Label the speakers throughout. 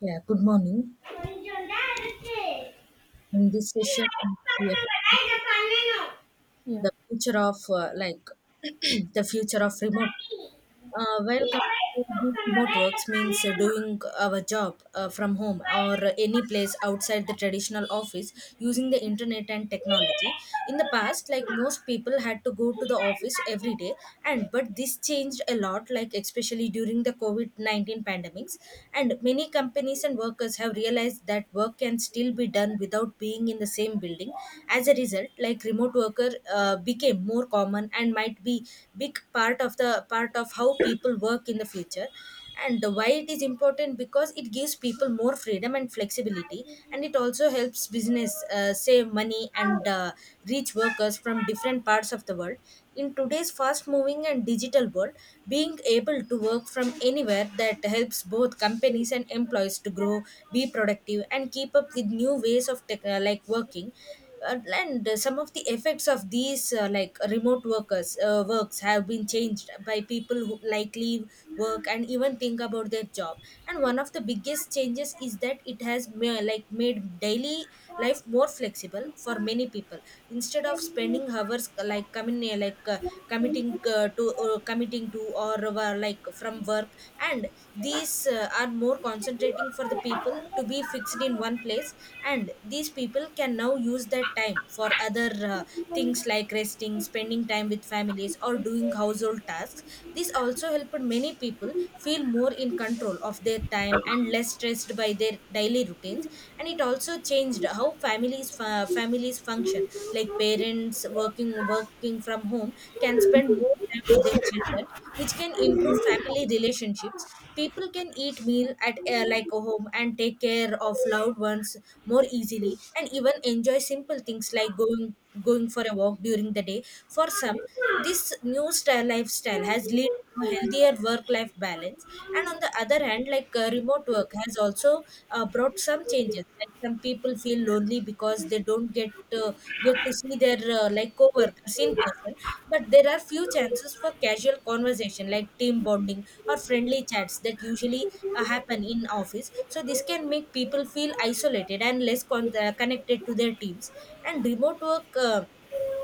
Speaker 1: Yeah, good morning. In this session, we have
Speaker 2: Yeah.
Speaker 1: the future of like the future of remote. Compared to these remote works means doing our job from home or any place outside the traditional office using the internet and technology. In the past, like most people had to go to the office every day, and but this changed a lot. Like especially during the COVID 19 pandemics, and many companies and workers have realized that work can still be done without being in the same building. As a result, like remote worker became more common and might be big part of the part of how people work in the future, and why it is important because it gives people more freedom and flexibility, and it also helps business save money and reach workers from different parts of the world in today's fast moving and digital world, being able to work from anywhere that helps both companies and employees to grow, be productive and keep up with new ways of like working. And some of the effects of these like remote workers works have been changed by people who like leave work and even think about their job. And one of the biggest changes is that it has like made daily life more flexible for many people. Instead of spending hours like coming committing to committing to or like from work, and these are more concentrating for the people to be fixed in one place, and these people can now use that time for other things like resting, spending time with families or doing household tasks. This also helped many people feel more in control of their time and less stressed by their daily routines. And it also changed how families families function, like parents working from home can spend more time with their children, which can improve family relationships. People can eat meal at like a home and take care of loved ones more easily, and even enjoy simple things like going for a walk during the day. For some, this new style lifestyle has led to a healthier work life balance. And on the other hand, like remote work has also brought some changes. Like some people feel lonely because they don't uh, get to see their like coworkers in person, but there are few chances for casual conversation like team bonding or friendly chats that usually happen in office, so this can make people feel isolated and less connected to their teams. And remote work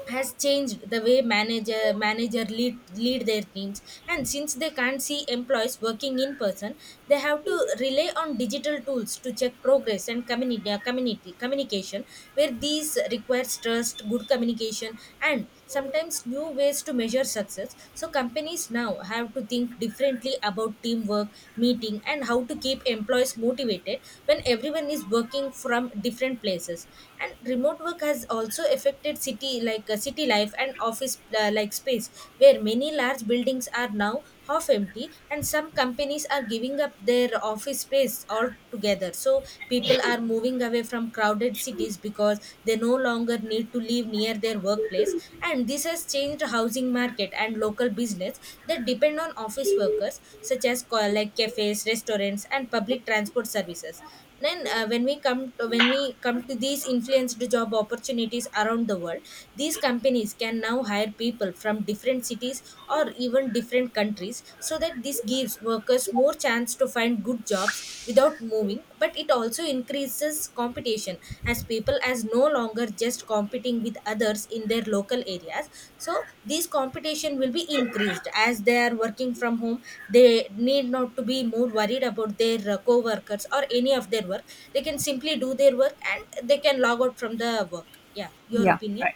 Speaker 1: has changed the way manager lead their teams, and since they can't see employees working in person, they have to rely on digital tools to check progress and community community communication where these requires trust, good communication and sometimes new ways to measure success. So companies now have to think differently about teamwork, meeting and how to keep employees motivated when everyone is working from different places. And remote work has also affected city life, like city life and office like space, where many large buildings are now half empty, and some companies are giving up their office space altogether. So people are moving away from crowded cities because they no longer need to live near their workplace, and this has changed housing market and local business that depend on office workers, such as like cafes, restaurants and public transport services. Then when we come to these influenced job opportunities around the world, these companies can now hire people from different cities or even different countries, so that this gives workers more chance to find good jobs without moving, but it also increases competition as people as no longer just competing with others in their local areas. So this competition will be increased as they are working from home. They need not to be more worried about their co-workers or any of their work. They can simply do their work and they can log out from the work. Yeah, your
Speaker 2: Yeah.
Speaker 1: opinion.
Speaker 2: Right.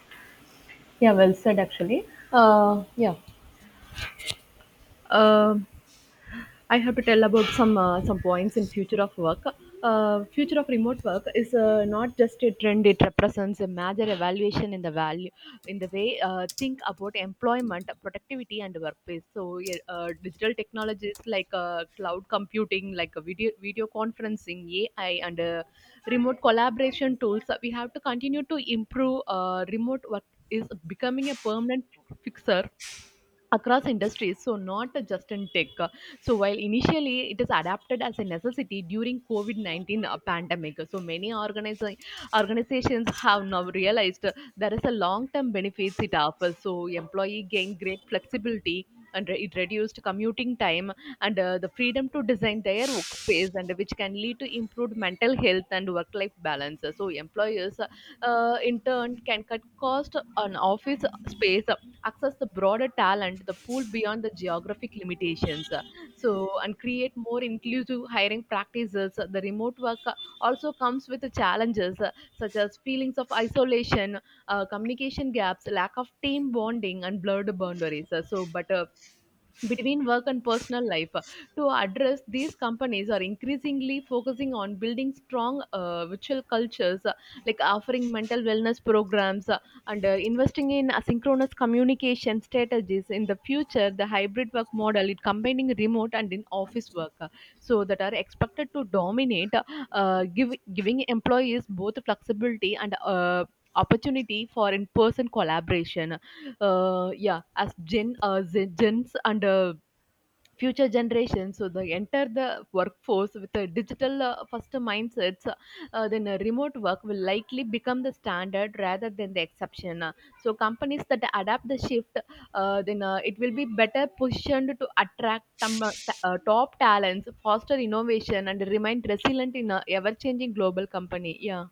Speaker 2: Yeah. Well said, actually. Uh, yeah. Um I have to tell about some points in future of work. Future of remote work is not just a trend; it represents a major evaluation in the value, in the way think about employment, productivity, and workplace. So, yeah, digital technologies like cloud computing, like uh, video conferencing, AI, and remote collaboration tools. We have to continue to improve. Remote work is becoming a permanent fixer across industries, so not just in tech. So while initially it is adapted as a necessity during covid-19 pandemic, so many organizations have now realized there is a long-term benefits it offers. So employee gain great flexibility and it reduced commuting time and the freedom to design their workspace, and which can lead to improved mental health and work-life balance. So employers, in turn, can cut cost on office space, access the broader talent, the pool beyond the geographic limitations. So, and create more inclusive hiring practices. The remote work also comes with the challenges, such as feelings of isolation, communication gaps, lack of team bonding, and blurred boundaries. So, but between work and personal life. To address these, companies are increasingly focusing on building strong virtual cultures, like offering mental wellness programs, and investing in asynchronous communication strategies. In the future, the hybrid work model, it combining remote and in office work, so that are expected to dominate, giving employees both flexibility and opportunity for in-person collaboration. Yeah, as Gens and future generations, so they enter the workforce with a digital first mindsets, then remote work will likely become the standard rather than the exception. So companies that adapt the shift, then it will be better positioned to attract top talents, foster innovation, and remain resilient in a ever-changing global company. Yeah.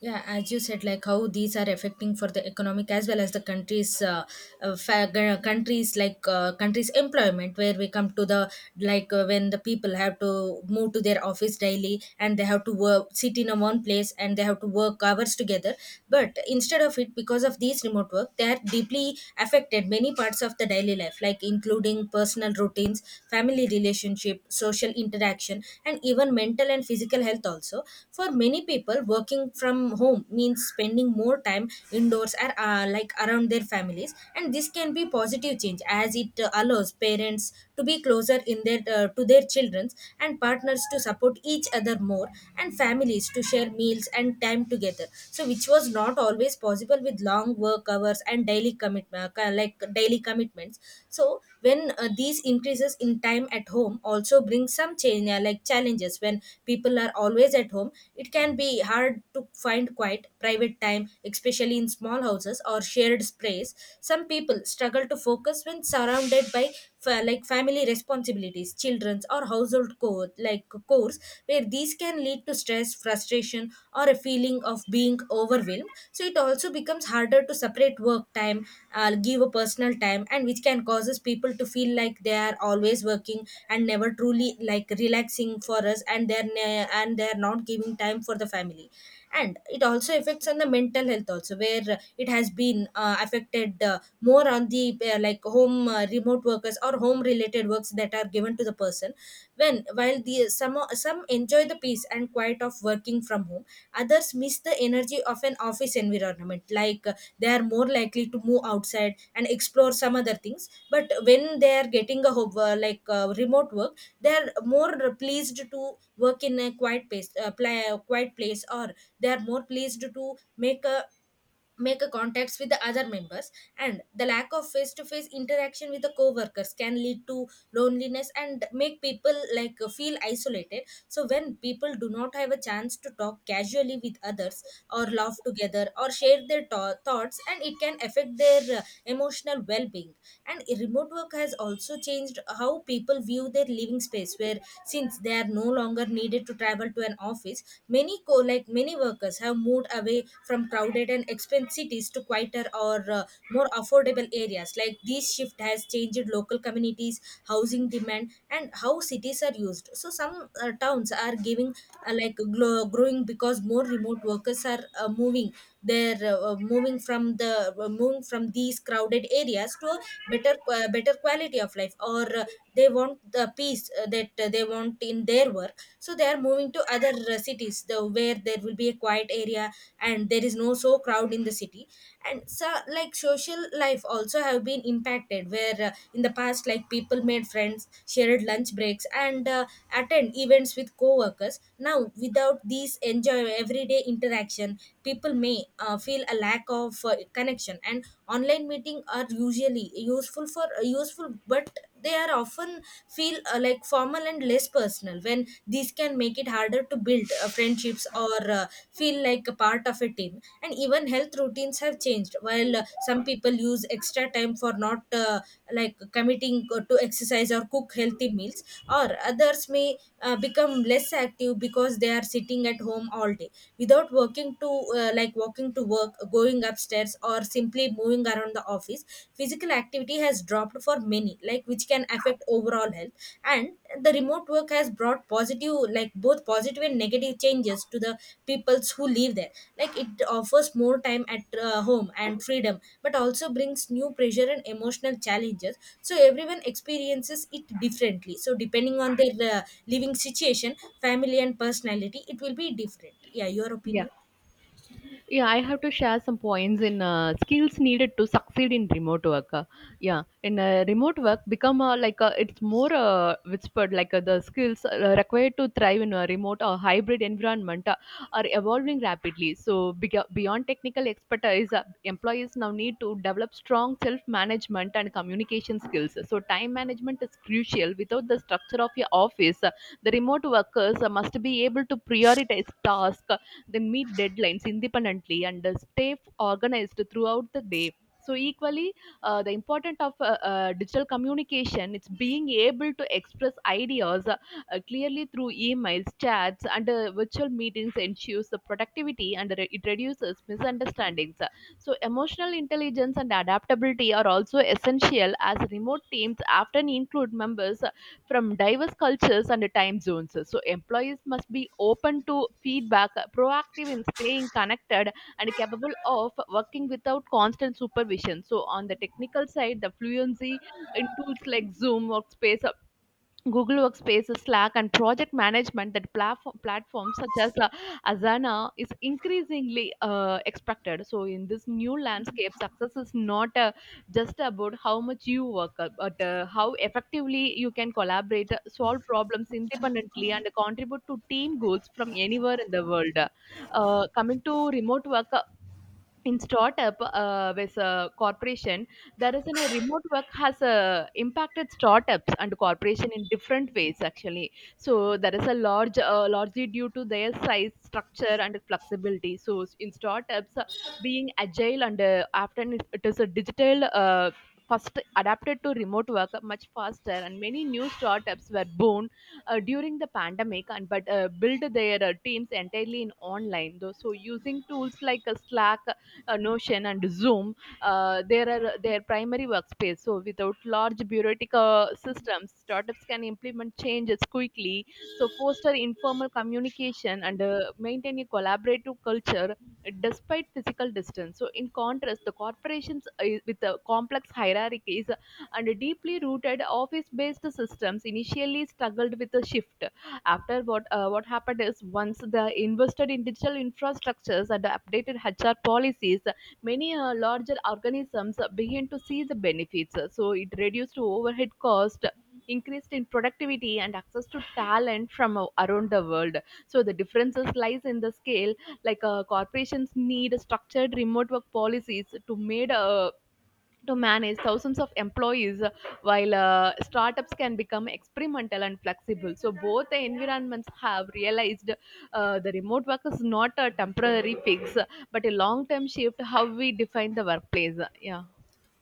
Speaker 1: Yeah, as you said, like how these are affecting for the economic as well as the countries, countries like countries employment, where we come to the like when the people have to move to their office daily and they have to work, sit in a one place and they have to work hours together. But instead of it, because of these remote work, they are deeply affected many parts of the daily life, like including personal routines, family relationship, social interaction, and even mental and physical health also for many people. Working from home means spending more time indoors or like around their families, and this can be positive change as it allows parents to be closer in their to their children, and partners to support each other more, and families to share meals and time together, so which was not always possible with long work hours and daily commitment like daily commitments. So when these increases in time at home also bring some change in like challenges. When people are always at home, it can be hard to find quiet private time, especially in small houses or shared space. Some people struggle to focus when surrounded by like family responsibilities, children's or household like chores, where these can lead to stress, frustration or a feeling of being overwhelmed. So it also becomes harder to separate work time give a personal time, and which can causes people to feel like they are always working and never truly like relaxing for us, and and they're not giving time for the family. And it also affects on the mental health also, where it has been affected more on the like home remote workers or home related works that are given to the person. When while the some enjoy the peace and quiet of working from home, others miss the energy of an office environment, like they are more likely to move outside and explore some other things. But when they are getting a remote work, they are more pleased to work in a quiet place, or they are more pleased to make a contacts with the other members. And the lack of face to face interaction with the co-workers can lead to loneliness and make people like feel isolated. So when people do not have a chance to talk casually with others, or laugh together or share their thoughts, and it can affect their emotional well-being. And remote work has also changed how people view their living space, where since they are no longer needed to travel to an office, many like many workers have moved away from crowded and expensive cities to quieter or more affordable areas. Like this shift has changed local communities, housing demand and how cities are used. So some towns are giving growing, because more remote workers are moving. They're moving from the Moving from these crowded areas to a better quality of life, or they want the peace that they want in their work, so they are moving to other cities, the, where there will be a quiet area and there is no so crowd in the city. And so like social life also have been impacted, where in the past, like people made friends, shared lunch breaks and attend events with co-workers. Now without these enjoy everyday interaction, people may feel a lack of connection, and online meeting are usually useful, but they are often feel like formal and less personal, when these can make it harder to build friendships or feel like a part of a team. And even health routines have changed, while some people use extra time for not like committing to exercise or cook healthy meals, or others may become less active because they are sitting at home all day without working to like walking to work, going upstairs or simply moving around the office. Physical activity has dropped for many, like which can affect overall health. And the remote work has brought positive, like both positive and negative changes to the peoples who live there. Like it offers more time at home and freedom, but also brings new pressure and emotional challenges. So everyone experiences it differently. So depending on their living situation, family, and personality, it will be different. Yeah, your
Speaker 2: Yeah.
Speaker 1: opinion.
Speaker 2: Yeah I have to share some points in skills needed to succeed in remote work. Yeah in Remote work become it's more whispered, like the skills required to thrive in a remote or hybrid environment are evolving rapidly. So beyond technical expertise, employees now need to develop strong self management and communication skills. So time management is crucial without the structure of your office. Uh, the remote workers must be able to prioritize tasks, they meet deadlines independently and stay organized throughout the day. So equally, the importance of digital communication, it's being able to express ideas clearly through emails, chats, and virtual meetings ensures the productivity and it reduces misunderstandings. So, emotional intelligence and adaptability are also essential, as remote teams often include members from diverse cultures and time zones. So, employees must be open to feedback, proactive in staying connected, and capable of working without constant supervision. So, on the technical side, the fluency in tools like Zoom, Workspace, Google Workspace, Slack, and project management platforms such as Asana is increasingly expected. So, in this new landscape, success is not just about how much you work, but how effectively you can collaborate, solve problems independently, and contribute to team goals from anywhere in the world. Coming to remote work, in startup with a corporation, a remote work has impacted startups and corporation in different ways actually. So there is a largely due to their size structure and flexibility. So in startups, being agile and often it is a digital first adapted to remote work much faster, and many new startups were born during the pandemic, and but build their teams entirely in online. Though, so using tools like Slack, Notion and Zoom, there are their primary workspace. So without large bureaucratic systems, startups can implement changes quickly. So foster informal communication and maintain a collaborative culture despite physical distance. So in contrast, the corporations with the complex hierarchies and deeply rooted office-based systems initially struggled with the shift. After what happened is once they invested in digital infrastructures and updated HR policies, many larger organisms began to see the benefits. So it reduced overhead cost, increased in productivity and access to talent from around the world. So the differences lies in the scale. Like corporations need structured remote work policies to manage thousands of employees, while startups can become experimental and flexible. So both the environments have realized the remote work is not a temporary fix, but a long term shift how we define the workplace. Yeah.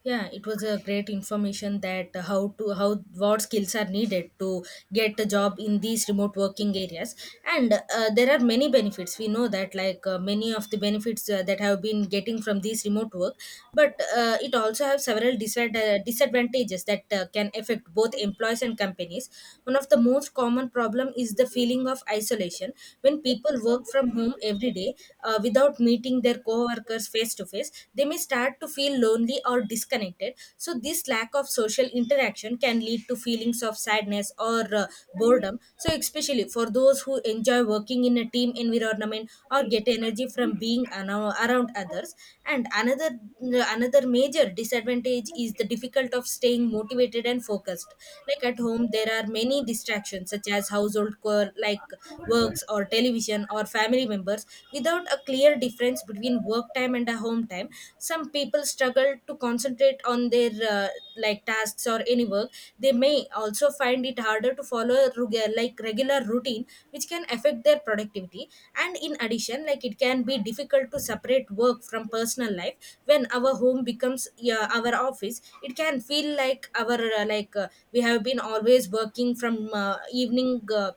Speaker 1: Yeah, it was a great information that how what skills are needed to get a job in these remote working areas. And there are many benefits, we know that, like many of the benefits that have been getting from these remote work. But it also have several disadvantages that can affect both employees and companies. One of the most common problem is the feeling of isolation when people work from home every day, without meeting their coworkers workers face to face. They may start to feel lonely or disconnected. So this lack of social interaction can lead to feelings of sadness or boredom. So especially for those who enjoy working in a team environment or get energy from being around others. And another another major disadvantage is the difficult of staying motivated and focused. Like at home, there are many distractions such as household chore, like works or television or family members. Without a clear difference between work time and a home time, some people struggle to concentrate on their like tasks or any work. They may also find it harder to follow a regular routine, which can affect their productivity. And in addition, like, it can be difficult to separate work from personal life. When our home becomes, yeah, our office, it can feel like our like we have been always working from evening uh,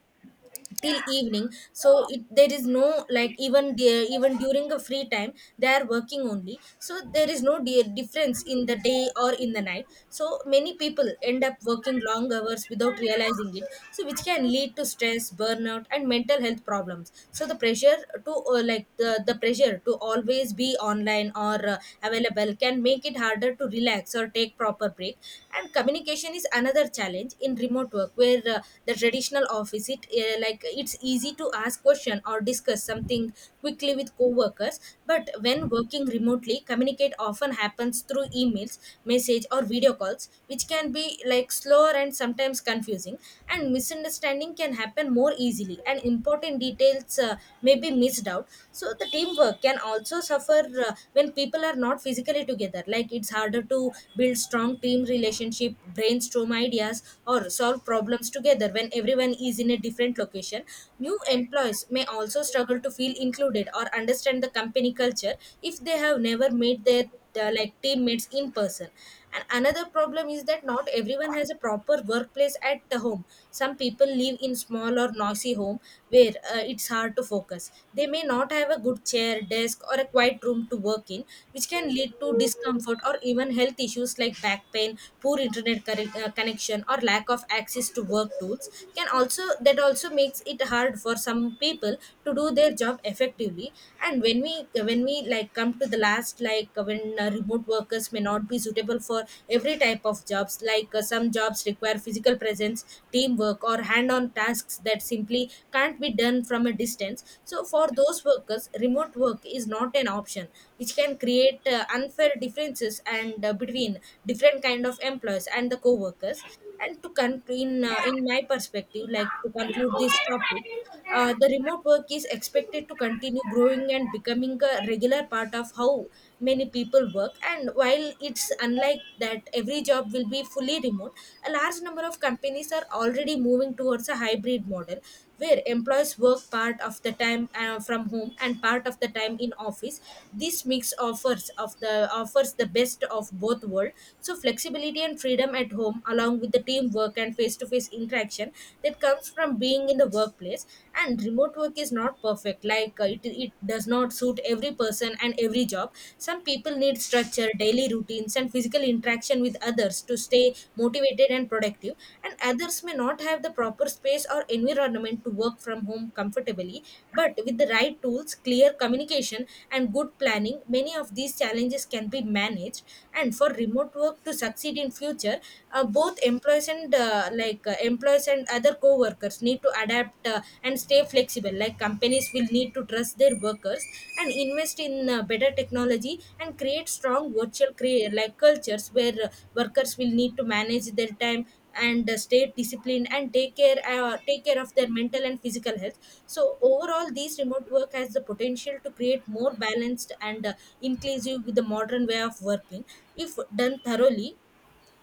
Speaker 1: till evening. So it, there is no, like, even there, even during a free time, they are working only, so there is no difference in the day or in the night. So many people end up working long hours without realizing it, so which can lead to stress, burnout and mental health problems. So the pressure to the pressure to always be online or available can make it harder to relax or take proper break. And communication is another challenge in remote work, where the traditional office is it, like it's easy to ask question or discuss something quickly with coworkers. But when working remotely, communicate often happens through emails, message or video calls, which can be like slower and sometimes confusing. And misunderstanding can happen more easily, and important details may be missed out. So the teamwork can also suffer uh, when people are not physically together. Like, it's harder to build strong team relationship, brainstorm ideas or solve problems together when everyone is in a different location. New employees may also struggle to feel included or understand the company culture if they have never met their like teammates in person. And another problem is that not everyone has a proper workplace at the home. Some people live in small or noisy home, where it's hard to focus. They may not have a good chair, desk or a quiet room to work in, which can lead to discomfort or even health issues like back pain, poor internet connection or lack of access to work tools can also that also makes it hard for some people to do their job effectively. And when we like come to the last, like, when remote workers may not be suitable for every type of jobs. Like some jobs require physical presence, teamwork or hand on tasks that simply can't be done from a distance. So for those workers, remote work is not an option, which can create unfair differences and between different kind of employees and the co-workers. And to in my perspective, like, to conclude this topic, the remote work is expected to continue growing and becoming a regular part of how many people work. And while it's unlike that every job will be fully remote, a large number of companies are already moving towards a hybrid model where employees work part of the time from home and part of the time in office. This mix offers the best of both worlds, so flexibility and freedom at home, along with the teamwork and face to face interaction that comes from being in the workplace. And remote work is not perfect. Like it does not suit every person and every job. Some people need structure daily routines and physical interaction with others to stay motivated and productive, and others may not have the proper space or environment to work from home comfortably. But with the right tools, clear communication and good planning, many of these challenges can be managed. And for remote work to succeed in future, both employees and employees and other co-workers need to adapt and stay flexible. Like companies will need to trust their workers and invest in better technology and create strong virtual cultures where workers will need to manage their time and stay disciplined and take care of their mental and physical health. So overall, these remote work has the potential to create more balanced and inclusive with the modern way of working. If done thoroughly,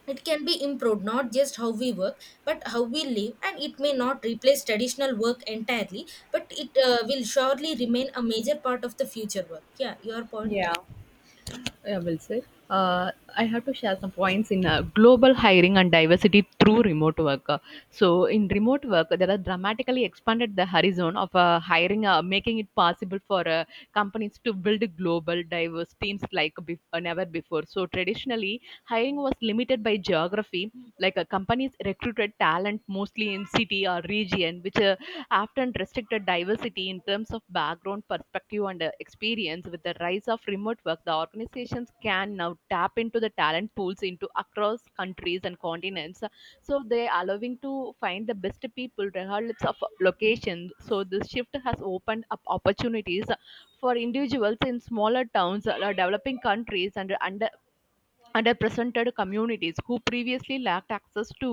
Speaker 1: it can be improved not just how we work but how we live. And it may not replace traditional work entirely, but it will surely remain a major part of the future work. Yeah, your point.
Speaker 2: Yeah. I will say. I have to share some points in global hiring and diversity through remote work. So, in remote work, there are dramatically expanded the horizon of hiring, making it possible for companies to build global diverse teams like never before. So, traditionally, hiring was limited by geography. Like companies recruited talent mostly in city or region, which often restricted diversity in terms of background, perspective, and experience. With the rise of remote work, the organizations can now tap into the talent pools into across countries and continents. So they are allowing to find the best people regardless of location. So this shift has opened up opportunities for individuals in smaller towns or developing countries and underrepresented communities who previously lacked access to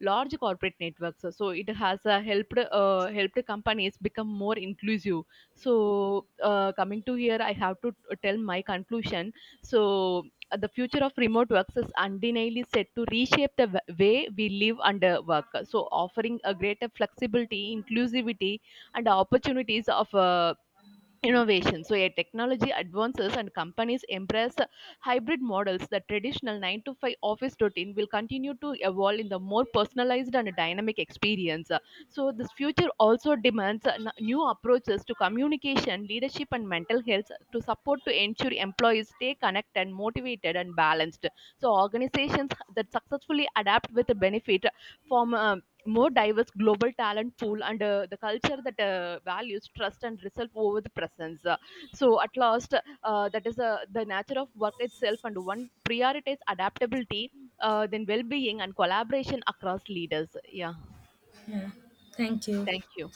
Speaker 2: large corporate networks. So it has helped companies become more inclusive. So coming to here, I have to tell my conclusion. So the future of remote works is undeniably set to reshape the way we live and work, so offering a greater flexibility, inclusivity and opportunities of innovation. So, yeah, technology advances and companies embrace hybrid models. The traditional 9 to 5 office routine will continue to evolve in the more personalized and dynamic experience. So, this future also demands new approaches to communication, leadership, and mental health to support to ensure employees stay connected, motivated, and balanced. So, organizations that successfully adapt with benefit from more diverse global talent pool and the culture that values trust and result over the presence. So at last, that is the nature of work itself and one prioritize adaptability, then well-being and collaboration across leaders. Yeah,
Speaker 1: Yeah, thank you.
Speaker 2: thank you.